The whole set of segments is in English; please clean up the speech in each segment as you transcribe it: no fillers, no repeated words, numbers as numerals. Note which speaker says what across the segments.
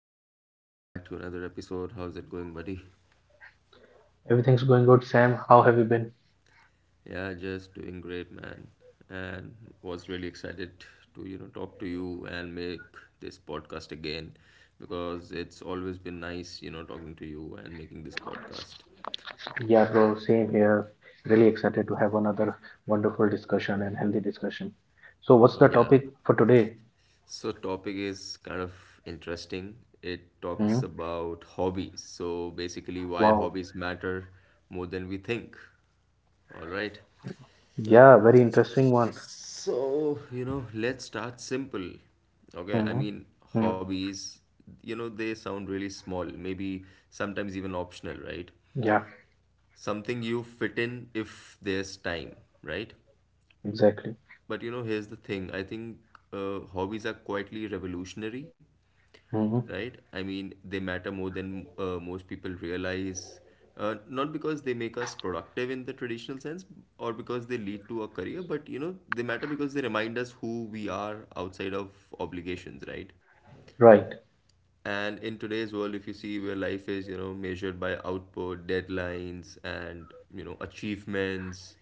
Speaker 1: Rick, welcome back to another episode. How's it going, buddy?
Speaker 2: Everything's going good, Sam. How have you been?
Speaker 1: Yeah, just doing great, man. And was really excited to, talk to you and make this podcast again because it's always been nice, talking to you and making this podcast.
Speaker 2: Yeah, bro, same here. Really excited to have another wonderful discussion and healthy discussion. So, what's the
Speaker 1: Yeah.
Speaker 2: topic for today?
Speaker 1: So topic is kind of interesting. It
Speaker 2: Hmm?
Speaker 1: talks about hobbies. So basically why
Speaker 2: Wow.
Speaker 1: hobbies matter more than we think. All right.
Speaker 2: Yeah, very interesting one.
Speaker 1: So, let's start simple. Okay, I
Speaker 2: Hmm.
Speaker 1: mean,
Speaker 2: Hmm.
Speaker 1: hobbies, they sound really small, maybe sometimes even optional, right?
Speaker 2: Yeah,
Speaker 1: Something you fit in if there's time, right?
Speaker 2: exactly.
Speaker 1: But you know, here's the thing I think hobbies are quietly revolutionary,
Speaker 2: Hmm.
Speaker 1: right? I mean, they matter more than most people realize. Not because they make us productive in the traditional sense or because they lead to a career, but you know, they matter because they remind us who we are outside of obligations, right?
Speaker 2: Right,
Speaker 1: And in today's world, if you see where life is, you know, measured by output, deadlines, and you know, achievements.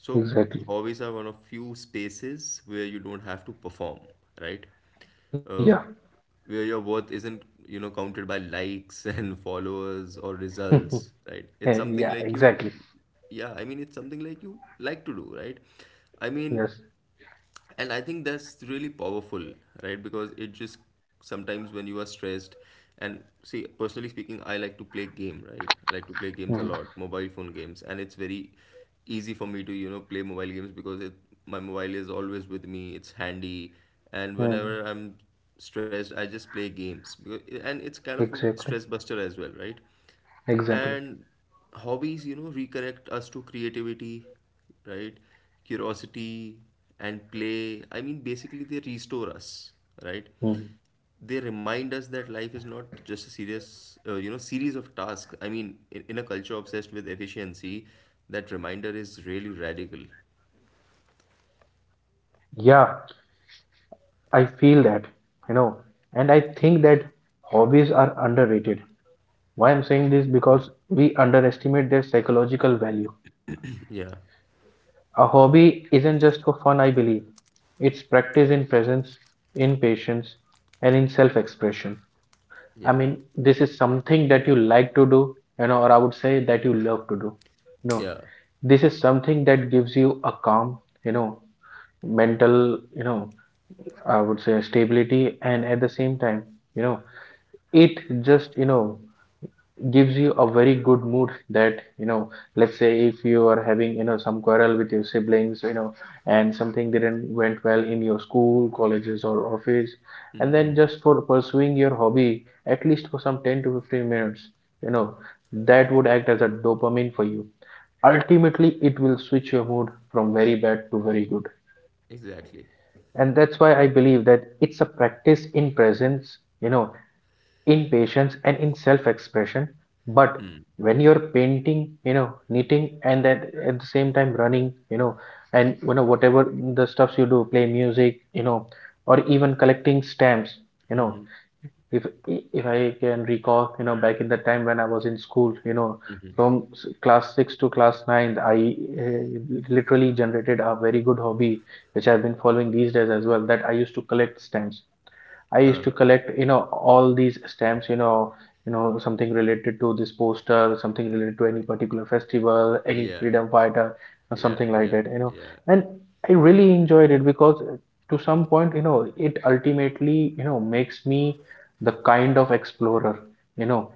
Speaker 1: So
Speaker 2: exactly.
Speaker 1: hobbies are one of few spaces where you don't have to perform, right?
Speaker 2: Yeah.
Speaker 1: uh, where your worth isn't, you know, counted by likes and followers or results, right? It's
Speaker 2: Yeah,
Speaker 1: something
Speaker 2: yeah,
Speaker 1: like you,
Speaker 2: exactly.
Speaker 1: yeah, I mean it's something like you like to do, right? I mean,
Speaker 2: Yes.
Speaker 1: and I think that's really powerful, right? Because it just, sometimes when you are stressed, and see, personally speaking, I like to play game, right? I like to play games a
Speaker 2: Hmm.
Speaker 1: lot, mobile phone games, and it's very easy for me to, you know, play mobile games because it, my mobile is always with me, it's handy. And
Speaker 2: Hmm.
Speaker 1: whenever I'm stressed I just play games. And it's kind of a
Speaker 2: Exactly.
Speaker 1: stress buster as well, right?
Speaker 2: Exactly.
Speaker 1: And hobbies, you know, reconnect us to creativity, right? Curiosity and play. I mean, basically, they restore us, right?
Speaker 2: Hmm.
Speaker 1: They remind us that life is not just a serious, you know, series of tasks. I mean, in a culture obsessed with efficiency, that reminder is really radical.
Speaker 2: Yeah, I feel that, you know, and I think that hobbies are underrated. Why I'm saying this,
Speaker 1: Yeah.
Speaker 2: because we underestimate their psychological value.
Speaker 1: Yeah.
Speaker 2: A hobby isn't just for fun, I believe. It's practice in presence, in patience, and in self expression.
Speaker 1: Yeah.
Speaker 2: I mean, this is something that you like to do, or I would say that you love to do. No,
Speaker 1: Yeah.
Speaker 2: this is something that gives you a calm, you know, mental, I would say, stability, and at the same time, you know, it just, gives you a very good mood. That, let's say if you are having, some quarrel with your siblings, and something didn't went well in your school colleges or office, and then
Speaker 1: Mm-hmm.
Speaker 2: just for pursuing your hobby at least for some 10 to 15 minutes, you know that would act as a dopamine for you. Ultimately, it will switch your mood from very bad to very good.
Speaker 1: Exactly.
Speaker 2: And that's why I believe that it's a practice in presence, in patience and in self-expression. But when you're painting, knitting, and then at the same time running, and whatever the stuffs you do, play music, or even collecting stamps, you know, if I can recall, back in the time when I was in school, from class six to class nine, I uh, literally generated a very good hobby, which I've been following these days as well. That I used to collect stamps. I used to
Speaker 1: Huh.
Speaker 2: collect, all these stamps, something related to this poster, something related to any particular festival, any
Speaker 1: Yeah.
Speaker 2: freedom fighter, or
Speaker 1: Yeah.
Speaker 2: something like
Speaker 1: Yeah.
Speaker 2: that.
Speaker 1: Yeah.
Speaker 2: And I really enjoyed it, because to some point, it ultimately, makes me the kind of explorer, you know,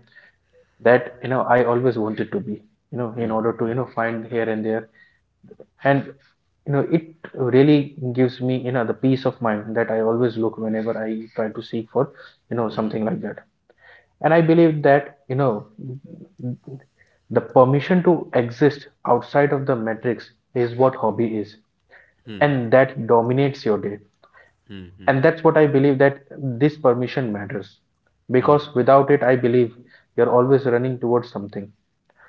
Speaker 2: that, I always wanted to be, in order to, find here and there. And it really gives me, the peace of mind that I always look whenever I try to seek for, something like that. And I believe that, the permission to exist outside of the matrix is what hobby is,
Speaker 1: Hmm.
Speaker 2: and that dominates your day.
Speaker 1: Hmm. Hmm.
Speaker 2: And that's what I believe, that this permission matters.
Speaker 1: Hmm.
Speaker 2: Because without it, I believe, you're always running towards something,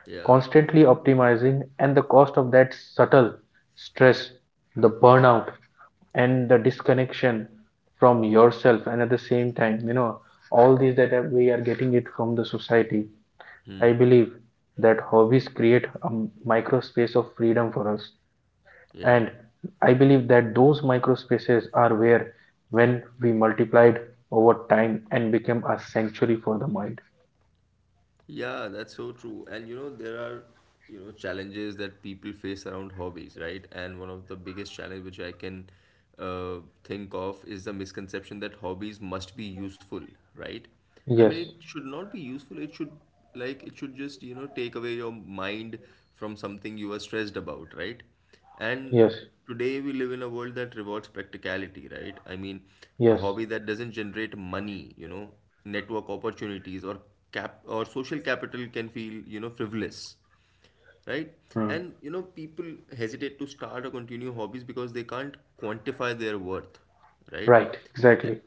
Speaker 1: Yeah.
Speaker 2: constantly optimizing, and the cost of that subtle stress, the burnout, and the disconnection from yourself, and at the same time, all these that we are getting it from the society. I believe that hobbies create a micro space of freedom for us.
Speaker 1: Yeah,
Speaker 2: And I believe that those micro spaces are where, when we multiplied over time, and became a sanctuary for the mind.
Speaker 1: yeah, that's so true. And you know, there are, you know, challenges that people face around hobbies, right? And one of the biggest challenge which I can uh, think of is the misconception that hobbies must be useful, right? I mean, it
Speaker 2: Yes.
Speaker 1: should not be useful. It should, like it should just, you know, take away your mind from something you are stressed about, right? And
Speaker 2: Yes.
Speaker 1: today we live in a world that rewards practicality, right? I mean, a
Speaker 2: Yes.
Speaker 1: hobby that doesn't generate money, you know, network opportunities or cap or social capital can feel, you know, frivolous, right?
Speaker 2: Hmm.
Speaker 1: And you know, people hesitate to start or continue hobbies because they can't quantify their worth, right?
Speaker 2: Right, exactly.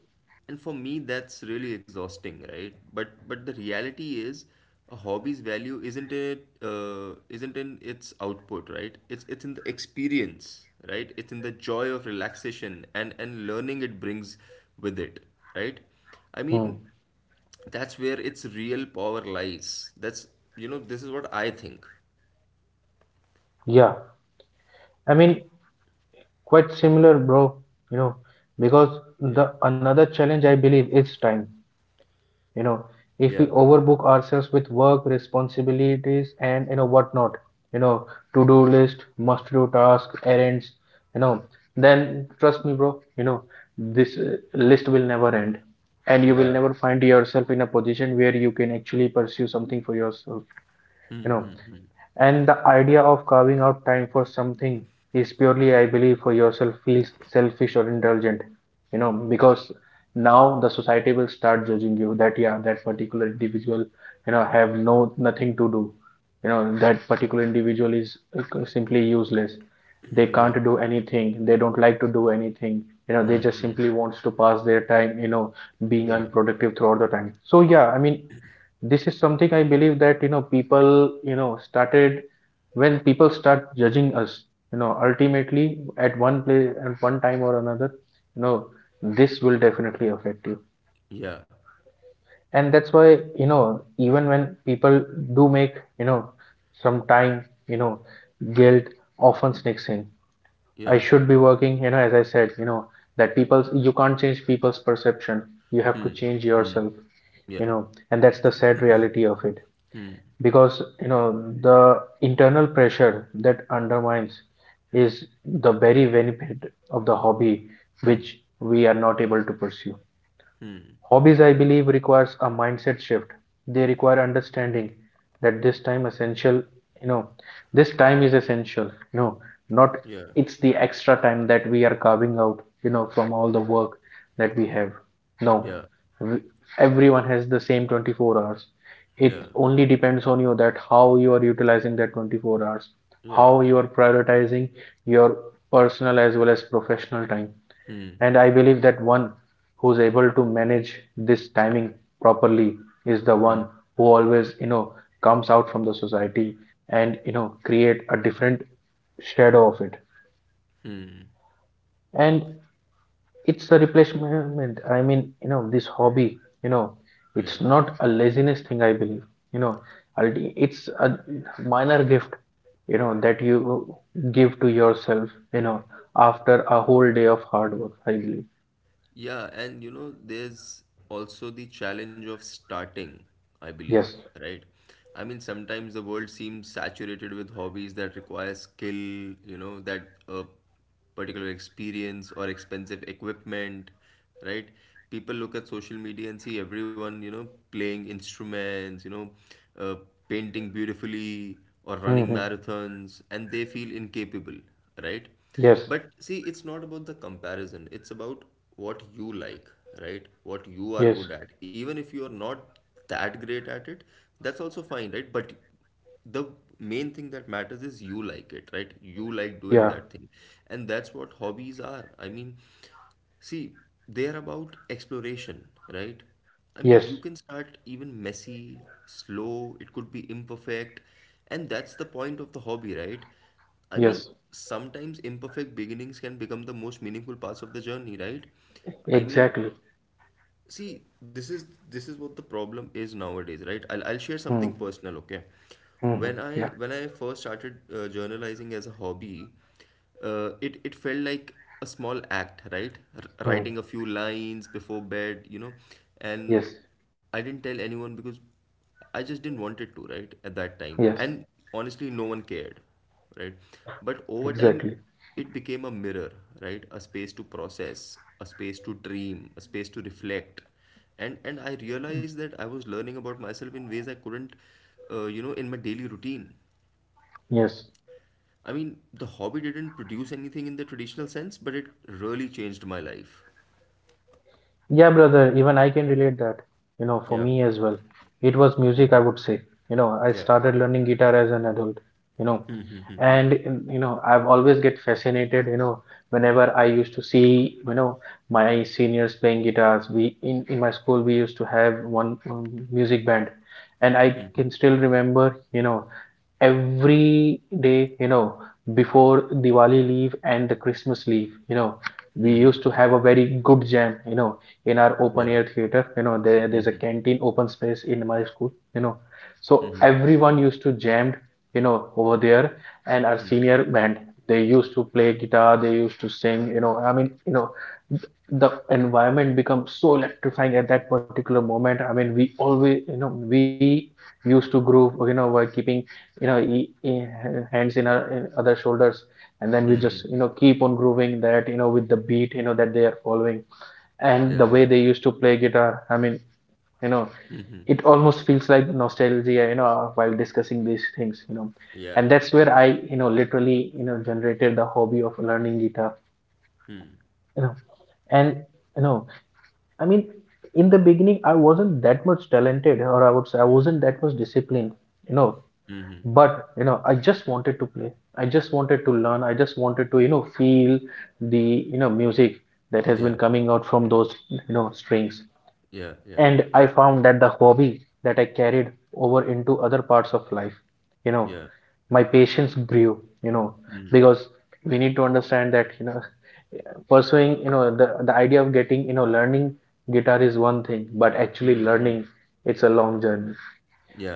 Speaker 1: And for me that's really exhausting, right? But the reality is, a hobby's value isn't it, isn't in its output, right? It's in the experience, right? It's in the joy of relaxation and learning it brings with it, right? I
Speaker 2: Hmm.
Speaker 1: mean, that's where its real power lies. That's, you know, this is what I think.
Speaker 2: Yeah, I mean, quite similar, bro. You know, because
Speaker 1: Yeah.
Speaker 2: the another challenge, I believe, is time. You know, if we
Speaker 1: Yeah.
Speaker 2: overbook ourselves with work responsibilities and whatnot, you know, to-do list, must-do task, errands, you know, then trust me, bro. This, list will never end, and you will
Speaker 1: Yeah.
Speaker 2: never find yourself in a position where you can actually pursue something for yourself. You know, and the idea of carving out time for something is purely, I believe, for yourself, feels selfish or indulgent, because now the society will start judging you that, yeah, that particular individual, have no nothing to do, that particular individual is simply useless. They
Speaker 1: Yeah.
Speaker 2: can't do anything. They don't like to do anything. They just simply wants to pass their time, being
Speaker 1: Yeah.
Speaker 2: unproductive throughout the time. So yeah, I mean, this is something I believe, that people started when people start judging us. You know ultimately, at one place at one time or another, you know this will definitely affect you.
Speaker 1: Yeah.
Speaker 2: And that's why, even when people do make, some time, guilt often sneaks in. I
Speaker 1: Yeah.
Speaker 2: should be working. You know as I said, that people's you can't change people's perception, you have to change yourself.
Speaker 1: Yeah.
Speaker 2: You know and that's the sad reality of it, because, the internal pressure that undermines is the very benefit of the hobby which we are not able to pursue. Hobbies, I believe, requires a mindset shift. They require understanding that you know, this time is essential. No, not
Speaker 1: Yeah.
Speaker 2: it's the extra time that we are carving out, from all the work that we have. No,
Speaker 1: Yeah.
Speaker 2: we- everyone has the same 24 hours. It
Speaker 1: Yeah.
Speaker 2: only depends on you that how you are utilizing that 24 hours, how
Speaker 1: Yeah.
Speaker 2: you are prioritizing your personal as well as professional time.
Speaker 1: Hmm.
Speaker 2: And I believe that one who's able to manage this timing properly is the one who always, comes out from the society and, create a different shadow of it. And it's a replacement. I mean, this hobby,
Speaker 1: Yeah.
Speaker 2: it's not a laziness thing, I believe. You know, it's a minor gift, that you give to yourself, after a whole day of hard work, I believe.
Speaker 1: Yeah, and you know, there's also the challenge of starting, I believe,
Speaker 2: Yes.
Speaker 1: right? I mean, sometimes the world seems saturated with hobbies that require skill, you know, that a particular experience or expensive equipment, right? People look at social media and see everyone, you know, playing instruments, you know, uh, painting beautifully or running
Speaker 2: Mm-hmm.
Speaker 1: marathons, and they feel incapable, right?
Speaker 2: Yes.
Speaker 1: But see, it's not about the comparison. It's about what you like, right? What you are
Speaker 2: Yes.
Speaker 1: good at. Even if you are not that great at it, that's also fine, right? But the main thing that matters is you like it, right? You like doing
Speaker 2: Yeah.
Speaker 1: that thing. And that's what hobbies are. I mean, see, they're about exploration, right? I mean,
Speaker 2: Yes.
Speaker 1: you can start even messy, slow, it could be imperfect, and that's the point of the hobby, right? I mean,
Speaker 2: Yes.
Speaker 1: sometimes imperfect beginnings can become the most meaningful parts of the journey, right? I mean,
Speaker 2: Exactly.
Speaker 1: see, this is what the problem is nowadays, right? I'll share something
Speaker 2: Hmm.
Speaker 1: personal, okay?
Speaker 2: Hmm. Hmm.
Speaker 1: when i
Speaker 2: Yeah.
Speaker 1: when i first started journalizing as a hobby, it felt like a small act, right?
Speaker 2: Hmm.
Speaker 1: Writing a few lines before bed, you know, and
Speaker 2: Yes.
Speaker 1: I didn't tell anyone because I just didn't want it to, right, at that time.
Speaker 2: Yes.
Speaker 1: And honestly, no one cared, right? But over time,
Speaker 2: Exactly.
Speaker 1: it became a mirror, right? A space to process, a space to dream, a space to reflect. And I realized that I was learning about myself in ways I couldn't, you know, in my daily routine.
Speaker 2: Yes.
Speaker 1: I mean, the hobby didn't produce anything in the traditional sense, but it really changed my life.
Speaker 2: Yeah, brother. Even I can relate that.
Speaker 1: Yeah.
Speaker 2: For me as well. It was music, I would say. I
Speaker 1: Yeah.
Speaker 2: started learning guitar as an adult. You know, and I've always get fascinated. Whenever I used to see, my seniors playing guitars. We in my school we used to have one music band, and I can still remember. Every day, before Diwali leave and the Christmas leave, we
Speaker 1: Mm-hmm.
Speaker 2: used to have a very good jam, in our open
Speaker 1: Yeah.
Speaker 2: air theater. There's
Speaker 1: Mm-hmm.
Speaker 2: a canteen open space in my school, So
Speaker 1: Mm-hmm.
Speaker 2: everyone used to jammed, over there, and our
Speaker 1: Mm-hmm.
Speaker 2: senior band, they used to play guitar, they used to sing, I mean, the environment becomes so electrifying at that particular moment. I mean, we always, we used to groove, by keeping, you know e- e- hands in our in other shoulders. And then we
Speaker 1: Mm-hmm.
Speaker 2: just, keep on grooving that, with the beat, that they are following. And the
Speaker 1: Yeah,
Speaker 2: way
Speaker 1: yeah.
Speaker 2: they used to play guitar, I mean, you know it almost feels like nostalgia, while discussing these things.
Speaker 1: Yeah.
Speaker 2: And that's where I, literally, generated the hobby of learning guitar
Speaker 1: Hmm.
Speaker 2: you know and, you know I mean, in the beginning I wasn't that much talented, or I would say I wasn't that much disciplined you know
Speaker 1: Mm-hmm.
Speaker 2: but, I just wanted to play, I just wanted to learn, I just wanted to, feel the, music that has been
Speaker 1: Yeah.
Speaker 2: coming out from those, strings.
Speaker 1: Yeah. Yeah.
Speaker 2: And I found that the hobby that I carried over into other parts of life, you know
Speaker 1: Yeah.
Speaker 2: my patience grew, because we need to understand that, pursuing, the idea of getting, learning guitar is one thing, but actually learning, it's a long journey.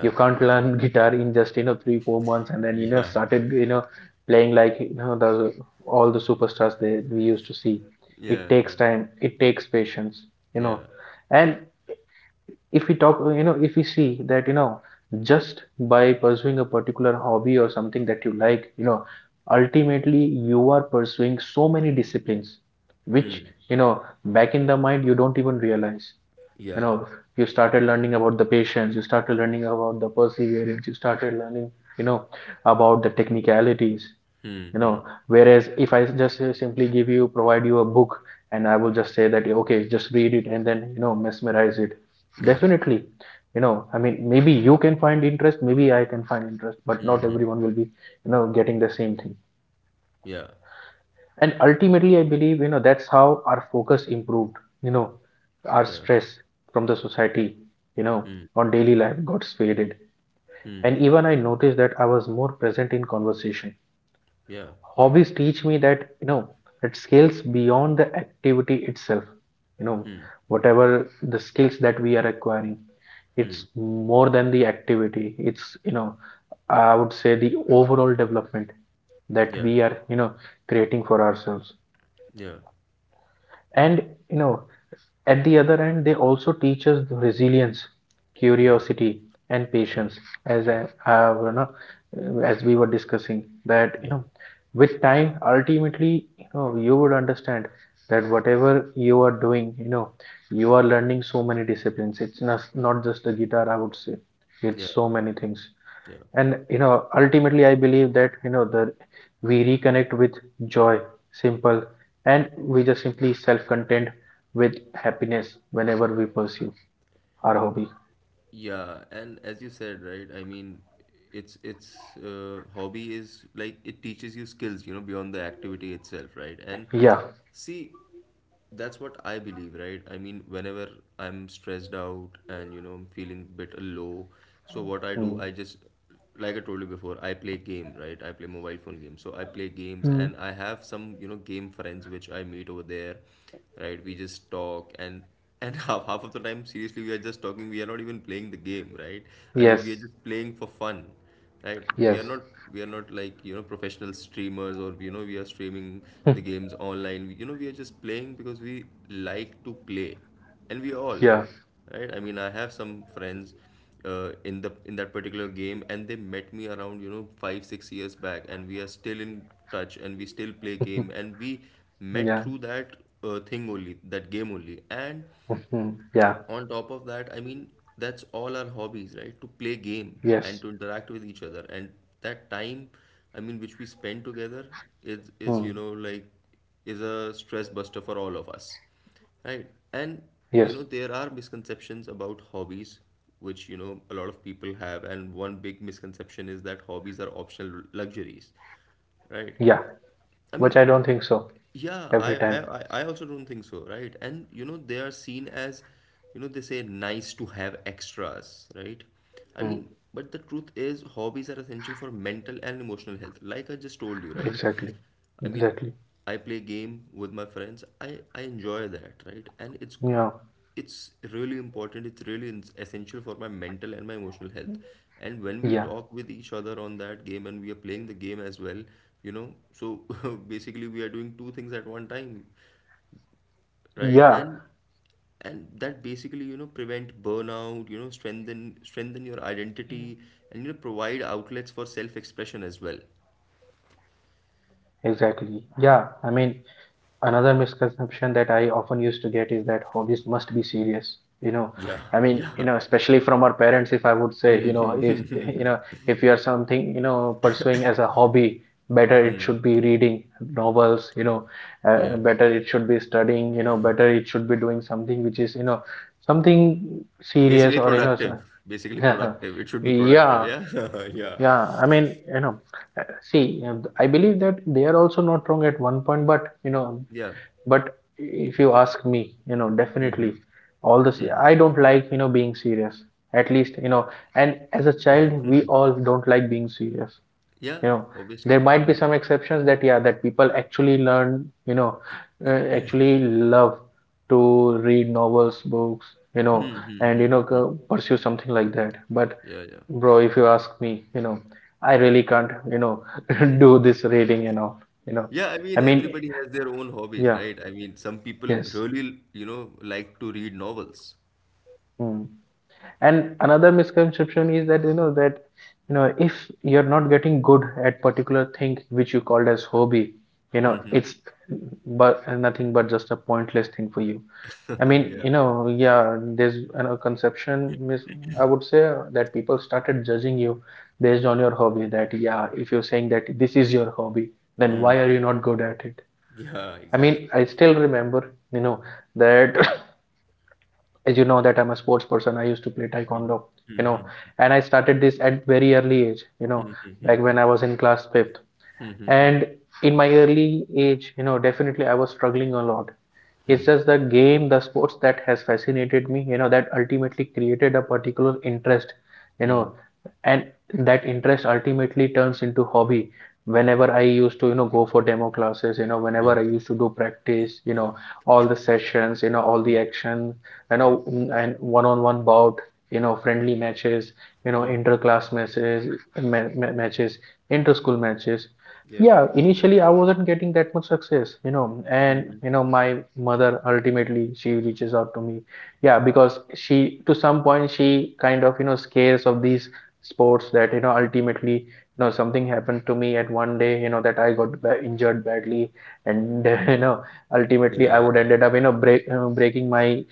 Speaker 2: You can't learn
Speaker 1: Exactly.
Speaker 2: guitar in just, 3 4 months, and then,
Speaker 1: Yeah.
Speaker 2: started, playing like, the all the superstars that we used to see. It
Speaker 1: Yeah.
Speaker 2: takes
Speaker 1: Yeah.
Speaker 2: time, it takes patience you know
Speaker 1: Yeah.
Speaker 2: and if we talk, if we see that, just by pursuing a particular hobby or something that you like, ultimately you are pursuing so many disciplines, which, you know back in the mind you don't even realize you
Speaker 1: Yeah.
Speaker 2: know you started learning about the patience, you started learning about the perseverance, you started learning, you know about the technicalities
Speaker 1: Hmm.
Speaker 2: you know
Speaker 1: Hmm.
Speaker 2: whereas if I just, simply give you provide you a book, and I will just say that, okay, just read it, and then, mesmerize it.
Speaker 1: Yeah.
Speaker 2: Definitely, I mean, maybe you can find interest, maybe I can find interest, but not
Speaker 1: Hmm. Hmm.
Speaker 2: everyone will be, getting the same thing.
Speaker 1: Yeah.
Speaker 2: And ultimately I believe, that's how our focus improved, you know our
Speaker 1: Yeah.
Speaker 2: stress from the society, you know
Speaker 1: Hmm.
Speaker 2: on daily life got faded. And
Speaker 1: Hmm.
Speaker 2: even I noticed that I was more present in conversation.
Speaker 1: Yeah.
Speaker 2: Hobbies Teach me that, you know, it scales beyond the activity itself, you know,
Speaker 1: Hmm.
Speaker 2: whatever the skills that we are acquiring, it's
Speaker 1: Hmm.
Speaker 2: more than the activity. It's, you know, I would say the overall development that
Speaker 1: Yeah.
Speaker 2: we are, you know, creating for ourselves.
Speaker 1: Yeah.
Speaker 2: And you know, at the other end, they also teach us resilience,
Speaker 1: Yeah.
Speaker 2: curiosity, and
Speaker 1: Yeah.
Speaker 2: patience, as I
Speaker 1: Yeah.
Speaker 2: have, as we were discussing that, you
Speaker 1: Yeah.
Speaker 2: know, with time, ultimately, you know, you would understand that whatever you are doing, you know, you are learning so many disciplines. It's not just the guitar, I would say.
Speaker 1: Yeah.
Speaker 2: It's so many things.
Speaker 1: Yeah.
Speaker 2: And you know, ultimately I believe that, you know, the we reconnect with joy, simple, and we just simply self content with happiness whenever we pursue our hobby.
Speaker 1: Yeah, and as you said, right? I mean, it's hobby is like it teaches you skills, you know, beyond the activity itself, right? And
Speaker 2: Yeah.
Speaker 1: see, that's what I believe, right? I mean, whenever I'm stressed out and you know I'm feeling a bit low, so what I do,
Speaker 2: Hmm.
Speaker 1: I just, like I told you before, I play game, right? I play mobile phone games. So I play games
Speaker 2: Hmm.
Speaker 1: and I have some, you know, game friends which I meet over there, right? We just talk and half of the time, seriously, we are just talking. We are not even playing the game, right? I mean, we
Speaker 2: Yes.
Speaker 1: are just playing for fun, right? we
Speaker 2: Yes.
Speaker 1: are not we are not like, you know, professional streamers or, you know, we are streaming the games online, you know, we are just playing because we like to play. And we all,
Speaker 2: Yeah.
Speaker 1: right, I mean, I have some friends in the in that particular game and they met me around, you know, 5 6 years back and we are still in touch and we still play game, and we met
Speaker 2: Yeah.
Speaker 1: through that thing only, that game only. And
Speaker 2: Mhm. Yeah.
Speaker 1: on top of that, I mean, that's all our hobbies, right? To play game and
Speaker 2: Yes.
Speaker 1: to interact with each other. And that time, I mean, which we spend together is,
Speaker 2: Hmm.
Speaker 1: you know, like is a stress buster for all of us. Right? And you
Speaker 2: Yes.
Speaker 1: know, there are misconceptions about hobbies, which, you know, a lot of people have, and one big misconception is that hobbies are optional luxuries, right?
Speaker 2: Yeah,
Speaker 1: I
Speaker 2: which
Speaker 1: mean,
Speaker 2: I don't think so.
Speaker 1: yeah, I,
Speaker 2: Every time.
Speaker 1: I, I I also don't think so, right? And you know, they are seen as, you know, they say nice to have extras, right? I
Speaker 2: Hmm.
Speaker 1: mean, but the truth is, hobbies are essential for mental and emotional health. Like I just told you, right?
Speaker 2: Exactly.
Speaker 1: I mean,
Speaker 2: Exactly.
Speaker 1: I play game with my friends. I enjoy that, right? And it's
Speaker 2: Yeah.
Speaker 1: it's really important, it's really essential for my mental and my emotional health. And when we
Speaker 2: Yeah.
Speaker 1: talk with each other on that game and we are playing the game as well, you know, so basically we are doing two things at one time, right?
Speaker 2: Yeah.
Speaker 1: And that basically, you know, prevent burnout, you know, strengthen your identity, and you know, provide outlets for self expression as well.
Speaker 2: Exactly. Yeah, I mean, another misconception that I often used to get is that hobbies must be serious. You know,
Speaker 1: Yeah.
Speaker 2: I mean,
Speaker 1: Yeah.
Speaker 2: you know, especially from our parents, if I would say, you know, if you
Speaker 1: Hmm.
Speaker 2: know, if you are something, you know, pursuing as a hobby, better it should be reading novels,
Speaker 1: Yeah,
Speaker 2: better it should be studying, you know, better it should be doing something which is, you know, something serious
Speaker 1: basically
Speaker 2: or, you know,
Speaker 1: productive, basically
Speaker 2: so-
Speaker 1: productive, it should be productive,
Speaker 2: yeah,
Speaker 1: yeah. Yeah.
Speaker 2: yeah. I mean, uh, see, I believe that they are also not wrong at one point, but, you know,
Speaker 1: Yeah.
Speaker 2: but if you ask me, you know, definitely
Speaker 1: Hmm.
Speaker 2: all this I don't like, you know, being serious, at least, you know. And as a child we all don't like being serious, you
Speaker 1: Yeah,
Speaker 2: know.
Speaker 1: obviously.
Speaker 2: There might be
Speaker 1: Mm-hmm.
Speaker 2: some exceptions that yeah, that people actually learn you know actually love to read novels, books, you know,
Speaker 1: Hmm. Hmm.
Speaker 2: and you
Speaker 1: Hmm.
Speaker 2: know, pursue something like that. But
Speaker 1: Yeah, yeah.
Speaker 2: bro, if you ask me, you know, I really can't, you know, do this reading and all, you know.
Speaker 1: Yeah, I
Speaker 2: I
Speaker 1: mean,
Speaker 2: mean,
Speaker 1: everybody has their own hobbies,
Speaker 2: yeah.
Speaker 1: right? I mean, some people
Speaker 2: Yes.
Speaker 1: really, you know, like to read novels.
Speaker 2: Mm. And another misconception is that, if you're not getting good at particular thing which you called as hobby, you know, it's but nothing but just a pointless thing for you. I mean,
Speaker 1: Yeah.
Speaker 2: you know, yeah, there's a conception mis I would say, that people started judging you based on your hobby, that yeah, if you're saying that this is your hobby, then
Speaker 1: Hmm.
Speaker 2: why are you not good at it?
Speaker 1: Yeah,
Speaker 2: I mean,
Speaker 1: exactly.
Speaker 2: I still remember, you know, that as you know that I'm a sports person, I used to play
Speaker 1: Hmm.
Speaker 2: taekwondo, you
Speaker 1: Hmm.
Speaker 2: know,
Speaker 1: Hmm.
Speaker 2: and I started this at very early age, you know,
Speaker 1: Hmm.
Speaker 2: back
Speaker 1: Hmm.
Speaker 2: when I was in class 5th.
Speaker 1: Hmm. Hmm. Hmm. Hmm.
Speaker 2: And in my early age, you know, definitely I was struggling a lot. It's
Speaker 1: Hmm.
Speaker 2: just the game, the sports that has fascinated me, you know, that ultimately created a particular interest, you know.
Speaker 1: Hmm.
Speaker 2: And that interest ultimately turns into hobby. Whenever I used to, you know, go for demo classes, you know,
Speaker 1: Yeah.
Speaker 2: whenever I used to do practice, you know, all the sessions, you know, all the action, you
Speaker 1: Yeah.
Speaker 2: know, and one-on-one bout, you know, friendly matches, you know,
Speaker 1: Hmm. Hmm.
Speaker 2: inter-class matches, matches, inter-school matches.
Speaker 1: Yeah.
Speaker 2: Yeah, initially I wasn't getting that much success, you know. And you know, my mother ultimately she reaches out to me, yeah, because she to some point she kind of, you know, scares of these sports, that you know ultimately, you know, something happened to me at one day, you know, that I got injured badly. And you know, ultimately I
Speaker 1: Yeah.
Speaker 2: would ended up, you know, breaking my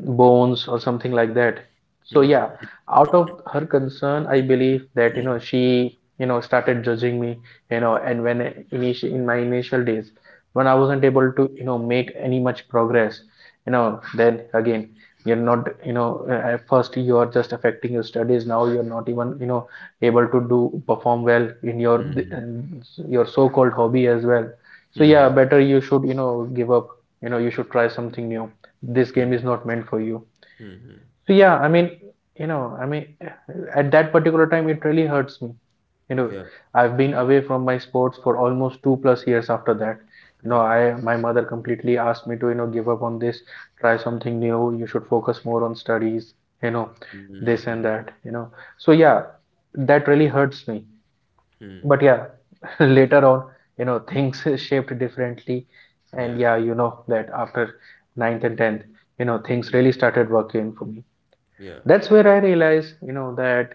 Speaker 2: bones or something like that. So yeah, out of her concern I believe that, you know, she, you know, started judging me, you know. And when initial in my initial days, when I wasn't able to, you know, make any much progress, you know, then again, you're not, at first you are just affecting your studies, now you're not even, you know, able to do perform well in um, your so-called hobby as well. So yeah, better you should, you know, give up, you know, you should try something new. This game is not meant for you. So yeah, I mean, you know, I mean, at that particular time it really hurts me, you know.
Speaker 1: Yeah.
Speaker 2: I've been away from my sports for almost 2 plus years after that, you know.
Speaker 1: Yeah.
Speaker 2: I, my mother completely asked me to, you know, give up on this, try something new, you should focus more on studies, you know, this and that, you know. So yeah, that really hurts me. But yeah, later on, you know, things shaped differently.
Speaker 1: Yeah.
Speaker 2: And yeah, you know, that after ninth and 10th, you know, things
Speaker 1: Yeah. Mm.
Speaker 2: really started working for me.
Speaker 1: Yeah.
Speaker 2: That's where I realized, you know, that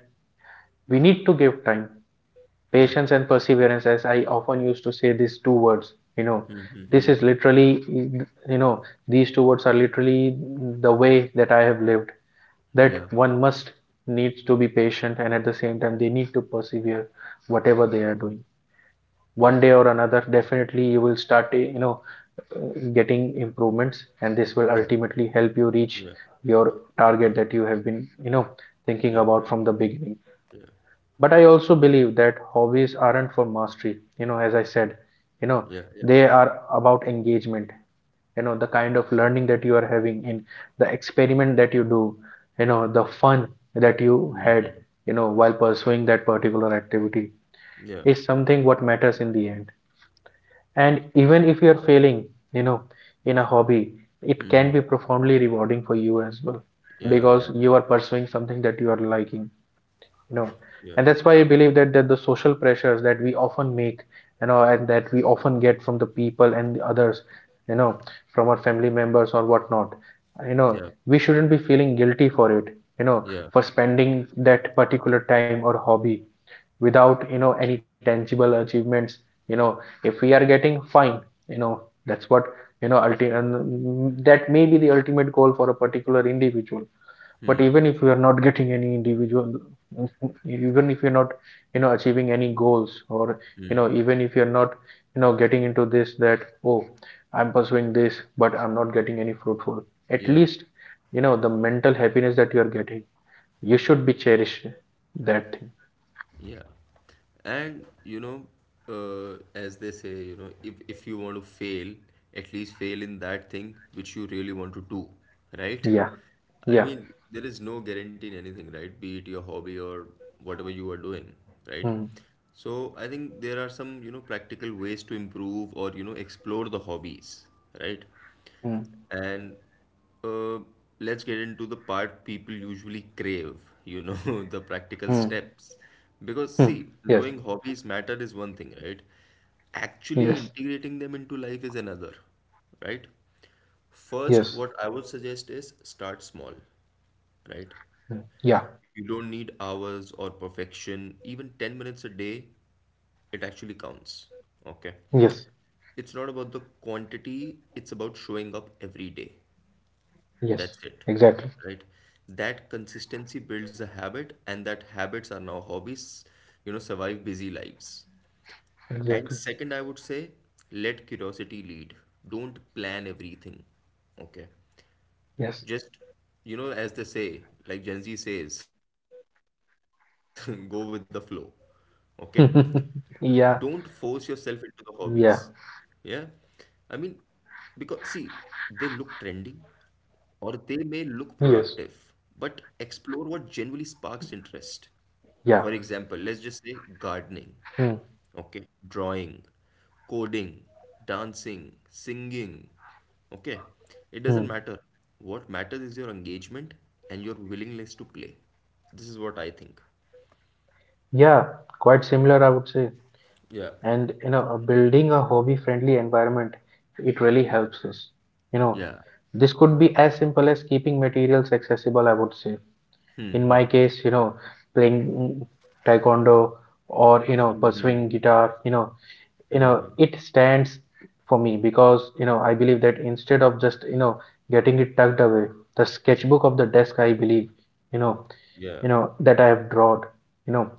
Speaker 2: we need to give time,
Speaker 1: Yeah.
Speaker 2: patience and perseverance, as I often used to say these two words, you know.
Speaker 1: Hmm. Hmm. Hmm.
Speaker 2: This is
Speaker 1: Hmm.
Speaker 2: literally, you know, these two words are literally the way that I have lived, that
Speaker 1: Yeah.
Speaker 2: one must needs to be patient, and at the same time they need to persevere, whatever they are doing.
Speaker 1: Yeah.
Speaker 2: One day or another, definitely you will start you know, getting improvements, and this will ultimately help you
Speaker 1: Yeah.
Speaker 2: reach
Speaker 1: Yeah.
Speaker 2: your target that you have been, you know,
Speaker 1: Yeah.
Speaker 2: thinking
Speaker 1: Yeah. Yeah.
Speaker 2: about from the beginning.
Speaker 1: Yeah.
Speaker 2: But I also believe that hobbies aren't for mastery, you know, as I said, you know,
Speaker 1: Yeah. Yeah.
Speaker 2: they are about engagement, you know, the kind of learning that you are having in the experiment that you do, you know, the fun that you had, you know, while pursuing that particular activity,
Speaker 1: Yeah.
Speaker 2: is something what matters in the end. And even if you're failing, you know, in a hobby, it can
Speaker 1: Mm-hmm.
Speaker 2: be profoundly rewarding for you as well,
Speaker 1: Yeah, yeah,
Speaker 2: because you are pursuing something that you are liking, you know.
Speaker 1: yeah,
Speaker 2: And that's why I believe that, that the social pressures that we often make, you know, and that we often get from the people and the others, you know, from our family members or whatnot, you know,
Speaker 1: yeah,
Speaker 2: we shouldn't be feeling guilty for it, you know,
Speaker 1: yeah,
Speaker 2: for spending that particular time or hobby without, you know, any tangible achievements, you know. If we are getting fine, you know, that's what, you know, and that may be the ultimate goal for a particular individual. But even if you are not getting any individual, even if you're not, you know, achieving any goals, or you know, even if you're not, you know, getting into this that, oh, I'm pursuing this but I'm not getting any fruitful, at
Speaker 1: yeah,
Speaker 2: least, you know, the mental happiness that you are getting, you should be cherished, that thing.
Speaker 1: yeah. And you know, as they say, you know, if you want to fail, at least fail in that thing which you really want to do, right?
Speaker 2: Yeah.
Speaker 1: I
Speaker 2: Yeah.
Speaker 1: mean, there is no guarantee in anything, right? Be it your hobby or whatever you are doing, right?
Speaker 2: Hmm.
Speaker 1: So I think there are some, you know, practical ways to improve or, you know, explore the hobbies, right?
Speaker 2: Hmm.
Speaker 1: And uh, let's get into the part people usually crave, you know, the practical
Speaker 2: Hmm.
Speaker 1: steps. Because,
Speaker 2: Hmm.
Speaker 1: see,
Speaker 2: Yes.
Speaker 1: knowing hobbies matter is one thing, right? Actually
Speaker 2: Yes.
Speaker 1: integrating them into life is another, right? First,
Speaker 2: Yes.
Speaker 1: what I would suggest is start small, right?
Speaker 2: Hmm. Yeah.
Speaker 1: You don't need hours or perfection. Even 10 minutes a day, it actually counts, okay?
Speaker 2: Yes.
Speaker 1: It's not about the quantity, it's about showing up every day.
Speaker 2: Yes.
Speaker 1: That's it,
Speaker 2: Exactly.
Speaker 1: right? That consistency builds a habit, and that habits are now hobbies, survive busy lives. And
Speaker 2: Exactly.
Speaker 1: second, I would say, let curiosity lead. Don't plan everything, okay?
Speaker 2: Yes.
Speaker 1: Just, you know, as they say, like Gen Z says, go with the flow, okay? Don't force yourself into the
Speaker 2: Yeah.
Speaker 1: hobbies, yeah? I
Speaker 2: Yeah.
Speaker 1: mean, because see, they look trendy, or they may look productive, but
Speaker 2: Yes.
Speaker 1: explore what genuinely sparks interest. For example,
Speaker 2: Yeah.
Speaker 1: let's just say gardening,
Speaker 2: Hmm.
Speaker 1: okay, drawing, coding, dancing, singing, okay. It doesn't
Speaker 2: Hmm.
Speaker 1: matter. What matters is your engagement and your willingness to play. This is what I think.
Speaker 2: Yeah, quite similar, I would say.
Speaker 1: Yeah.
Speaker 2: And you know, building a hobby-friendly environment, it really helps us. You know,
Speaker 1: Yeah.
Speaker 2: this could be as simple as keeping materials accessible, I would say. In my case, you know, playing taekwondo or, you know,
Speaker 1: Hmm.
Speaker 2: pursuing guitar, you know it stands for me because, you know, I believe that instead of just, you know, getting it tucked away, the sketchbook of the desk, I believe, you know,
Speaker 1: Yeah.
Speaker 2: you know that I have drawn, you know,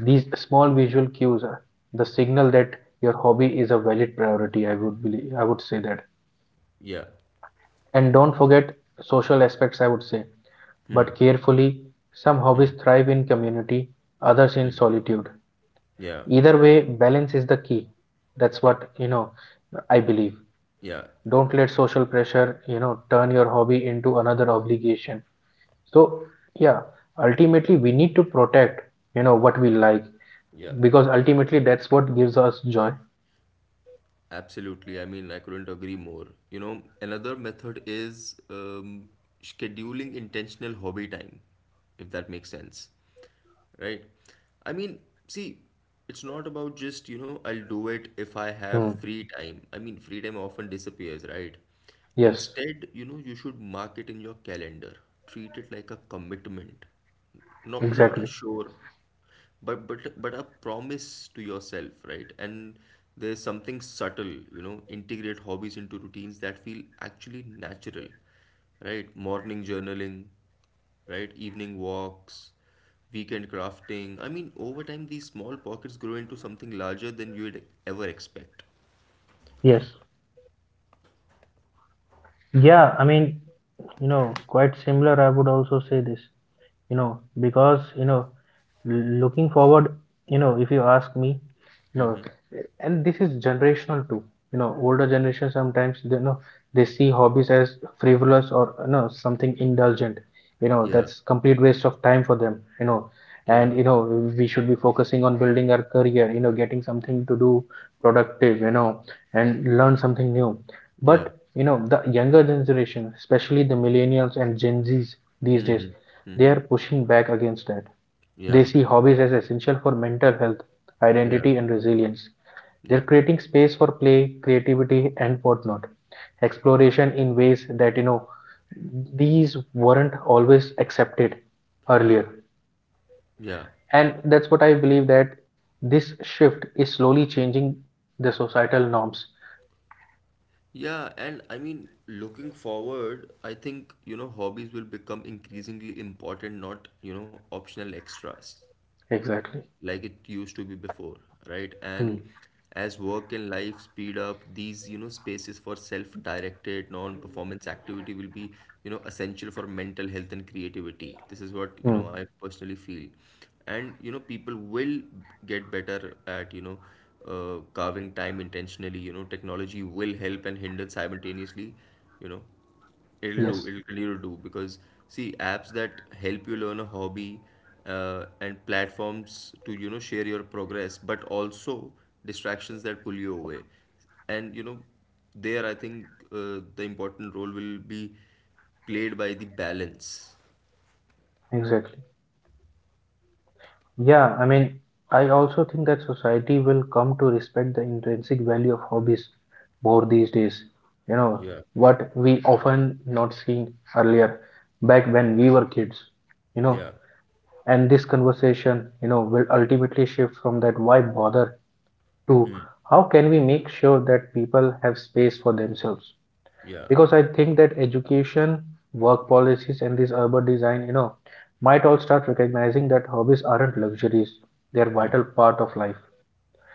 Speaker 2: these small visual cues are the signal that your hobby is a valid priority, I would believe, I would say that.
Speaker 1: Yeah.
Speaker 2: And don't forget social aspects, I would say, but carefully. Some
Speaker 1: Hmm.
Speaker 2: hobbies thrive in community, others in solitude.
Speaker 1: Yeah.
Speaker 2: Either way, balance is the key. That's
Speaker 1: Yeah.
Speaker 2: what, you know, I believe.
Speaker 1: Yeah.
Speaker 2: Don't let social pressure, you know, turn your hobby into another obligation. So yeah, ultimately we need to protect, you know, what we like,
Speaker 1: Yeah.
Speaker 2: because ultimately that's what gives us joy.
Speaker 1: Absolutely. I mean, I couldn't agree more. You know, another method is scheduling intentional hobby time, if that makes sense, right? I mean, see, it's not about just, you know, I'll do it if I
Speaker 2: Hmm.
Speaker 1: have free time. I mean, free time often disappears, right?
Speaker 2: Yes.
Speaker 1: Instead, you know, you should mark it in your calendar. Treat it like a commitment. Not a
Speaker 2: Exactly.
Speaker 1: sure, but but a promise to yourself, right? And there's something subtle, you know, integrate hobbies into routines that feel actually natural, right? Morning journaling, right? Evening walks, weekend crafting. I mean, over time, these small pockets grow into something larger than you would ever expect.
Speaker 2: Yes. Yeah, I mean, you know, quite similar, I would also say this. You know, because you know, looking forward, you know, if you ask me, you know,
Speaker 1: Mm-hmm.
Speaker 2: and this is generational too, you know, older generation sometimes they, you know, they see hobbies as frivolous or, you know, something indulgent, you know,
Speaker 1: Yeah,
Speaker 2: that's complete waste of time for them, you know.
Speaker 1: yeah,
Speaker 2: And you know, we should be focusing on building our career, you know, getting something to do productive, you know, and learn something new. But
Speaker 1: yeah.
Speaker 2: you know, the younger generation, especially the millennials and Gen Z's these days,
Speaker 1: Mm-hmm.
Speaker 2: they
Speaker 1: Mm-hmm.
Speaker 2: are pushing back against that. They
Speaker 1: Yeah,
Speaker 2: see hobbies as essential for mental health,
Speaker 1: yeah,
Speaker 2: identity, and resilience. They're
Speaker 1: yeah,
Speaker 2: creating space for play, creativity, and whatnot, exploration in ways that, you know, these weren't always accepted earlier.
Speaker 1: yeah.
Speaker 2: And that's what I believe, that this shift is slowly changing the societal norms.
Speaker 1: Yeah, and I mean, looking forward, I think, you know, hobbies will become increasingly important, not, you know, optional extras,
Speaker 2: Exactly.
Speaker 1: like it used to be before, right?
Speaker 2: Hmm.
Speaker 1: And as work and life speed up, these, you know, spaces for self-directed, non-performance activity will be, you know, essential for mental health and creativity. This is what, you
Speaker 2: Hmm.
Speaker 1: know, I personally feel. And, you know, people will get better at, you know, carving time intentionally. You know, technology will help and hinder simultaneously, you know. It'll do.
Speaker 2: Yes,
Speaker 1: It'll continue to do because see, apps that help you learn a hobby and platforms to you know share your progress, but also distractions that pull you away. And you know, there I think the important role will be played by the balance.
Speaker 2: exactly. Yeah, I mean, I also think that society will come to respect the intrinsic value of hobbies more these days. You know,
Speaker 1: Yeah,
Speaker 2: what we often not seen earlier back when we were kids, you know,
Speaker 1: yeah,
Speaker 2: and this conversation, you know, will ultimately shift from that why bother to
Speaker 1: hmm,
Speaker 2: how can we make sure that people have space for themselves,
Speaker 1: yeah,
Speaker 2: because I think that education, work policies, and this urban design, you know, might all start recognizing that hobbies aren't luxuries, they are
Speaker 1: hmm,
Speaker 2: vital part of life.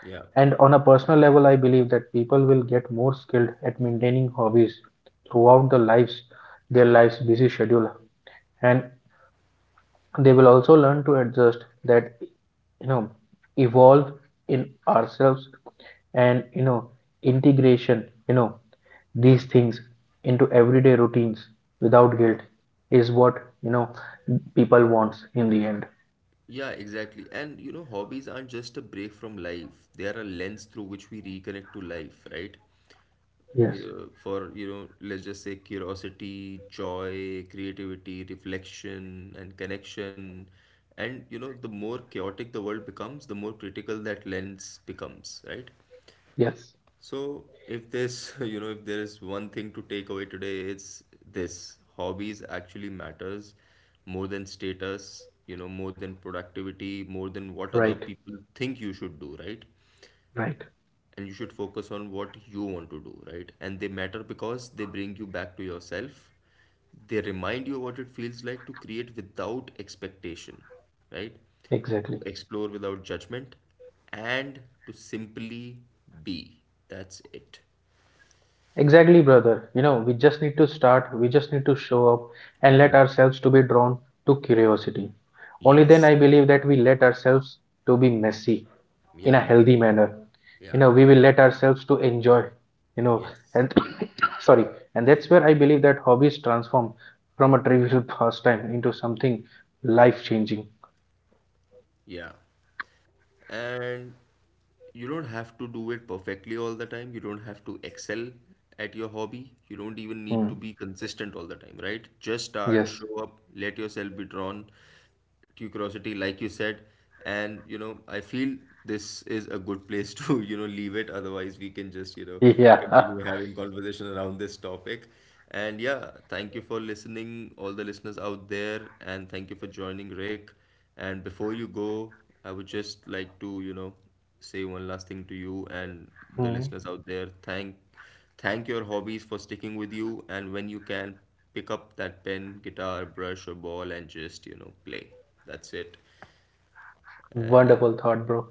Speaker 1: yeah,
Speaker 2: And on a personal level, I believe that people will get more skilled at maintaining hobbies throughout the lives, their lives busy schedule. And they will also learn to adjust that, you know, evolve in ourselves, and you know, integration, you know, these
Speaker 1: yeah,
Speaker 2: things into everyday routines without guilt is what, you know, people wants in the end.
Speaker 1: yeah, exactly. And you know, hobbies aren't just a break from life, they are a lens through which we reconnect to life, right?
Speaker 2: Yes.
Speaker 1: Uh, for you know let's just say curiosity, joy, creativity, reflection, and connection. And you know, the more chaotic the world becomes, the more critical that lens becomes, right?
Speaker 2: Yes.
Speaker 1: So if there's you know if there is one thing to take away today, it's this: hobbies actually matters more than status, you know, more than productivity, more than what other
Speaker 2: Right.
Speaker 1: people think you should do, right?
Speaker 2: Right.
Speaker 1: And you should focus on what you want to do, right? And they matter because they bring you back to yourself. They remind you what it feels like to create without expectation, right? To
Speaker 2: Exactly.
Speaker 1: explore without judgment and to simply be. That's it.
Speaker 2: Exactly, brother, you know, we just need to start, we just need to show up and let
Speaker 1: Yeah.
Speaker 2: ourselves to be drawn to curiosity. Only then
Speaker 1: Yes.
Speaker 2: I believe that we let ourselves to be messy in a
Speaker 1: Yeah.
Speaker 2: healthy manner, you
Speaker 1: Yeah.
Speaker 2: know, we will let ourselves to enjoy, you know,
Speaker 1: Yes.
Speaker 2: and sorry, and that's where I believe that hobbies transform from a trivial pastime into something life changing.
Speaker 1: Yeah. And you don't have to do it perfectly all the time. You don't have to excel at your hobby. You don't even need
Speaker 2: Mm.
Speaker 1: to be consistent all the time, right? Just start,
Speaker 2: Yes.
Speaker 1: show up, let yourself be drawn, curiosity like you said. And you know, I feel this is a good place to you know leave it, otherwise we can just you know
Speaker 2: Yeah.
Speaker 1: continue having conversation around this topic. And yeah, thank you for listening, all the listeners out there, and thank you for joining, Rick. And before you go, I would just like to you know say one last thing to you and the
Speaker 2: Mm.
Speaker 1: listeners out there. Thank, thank your hobbies for sticking with you, and when you can, pick up that pen, guitar, brush, or ball and just, you know, play. That's it. And
Speaker 2: Wonderful thought, bro.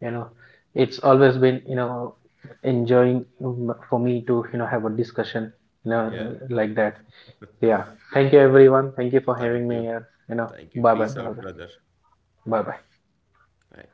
Speaker 2: You know, it's always been, you know, enjoying for me to, you know, have a discussion,
Speaker 1: yeah,
Speaker 2: like that. Yeah, thank you everyone, thank you for
Speaker 1: thank
Speaker 2: having me
Speaker 1: you.
Speaker 2: here, you know.
Speaker 1: Thank you.
Speaker 2: Bye bye
Speaker 1: Peace out,
Speaker 2: brother.
Speaker 1: brother.
Speaker 2: Bye bye.
Speaker 1: Bye.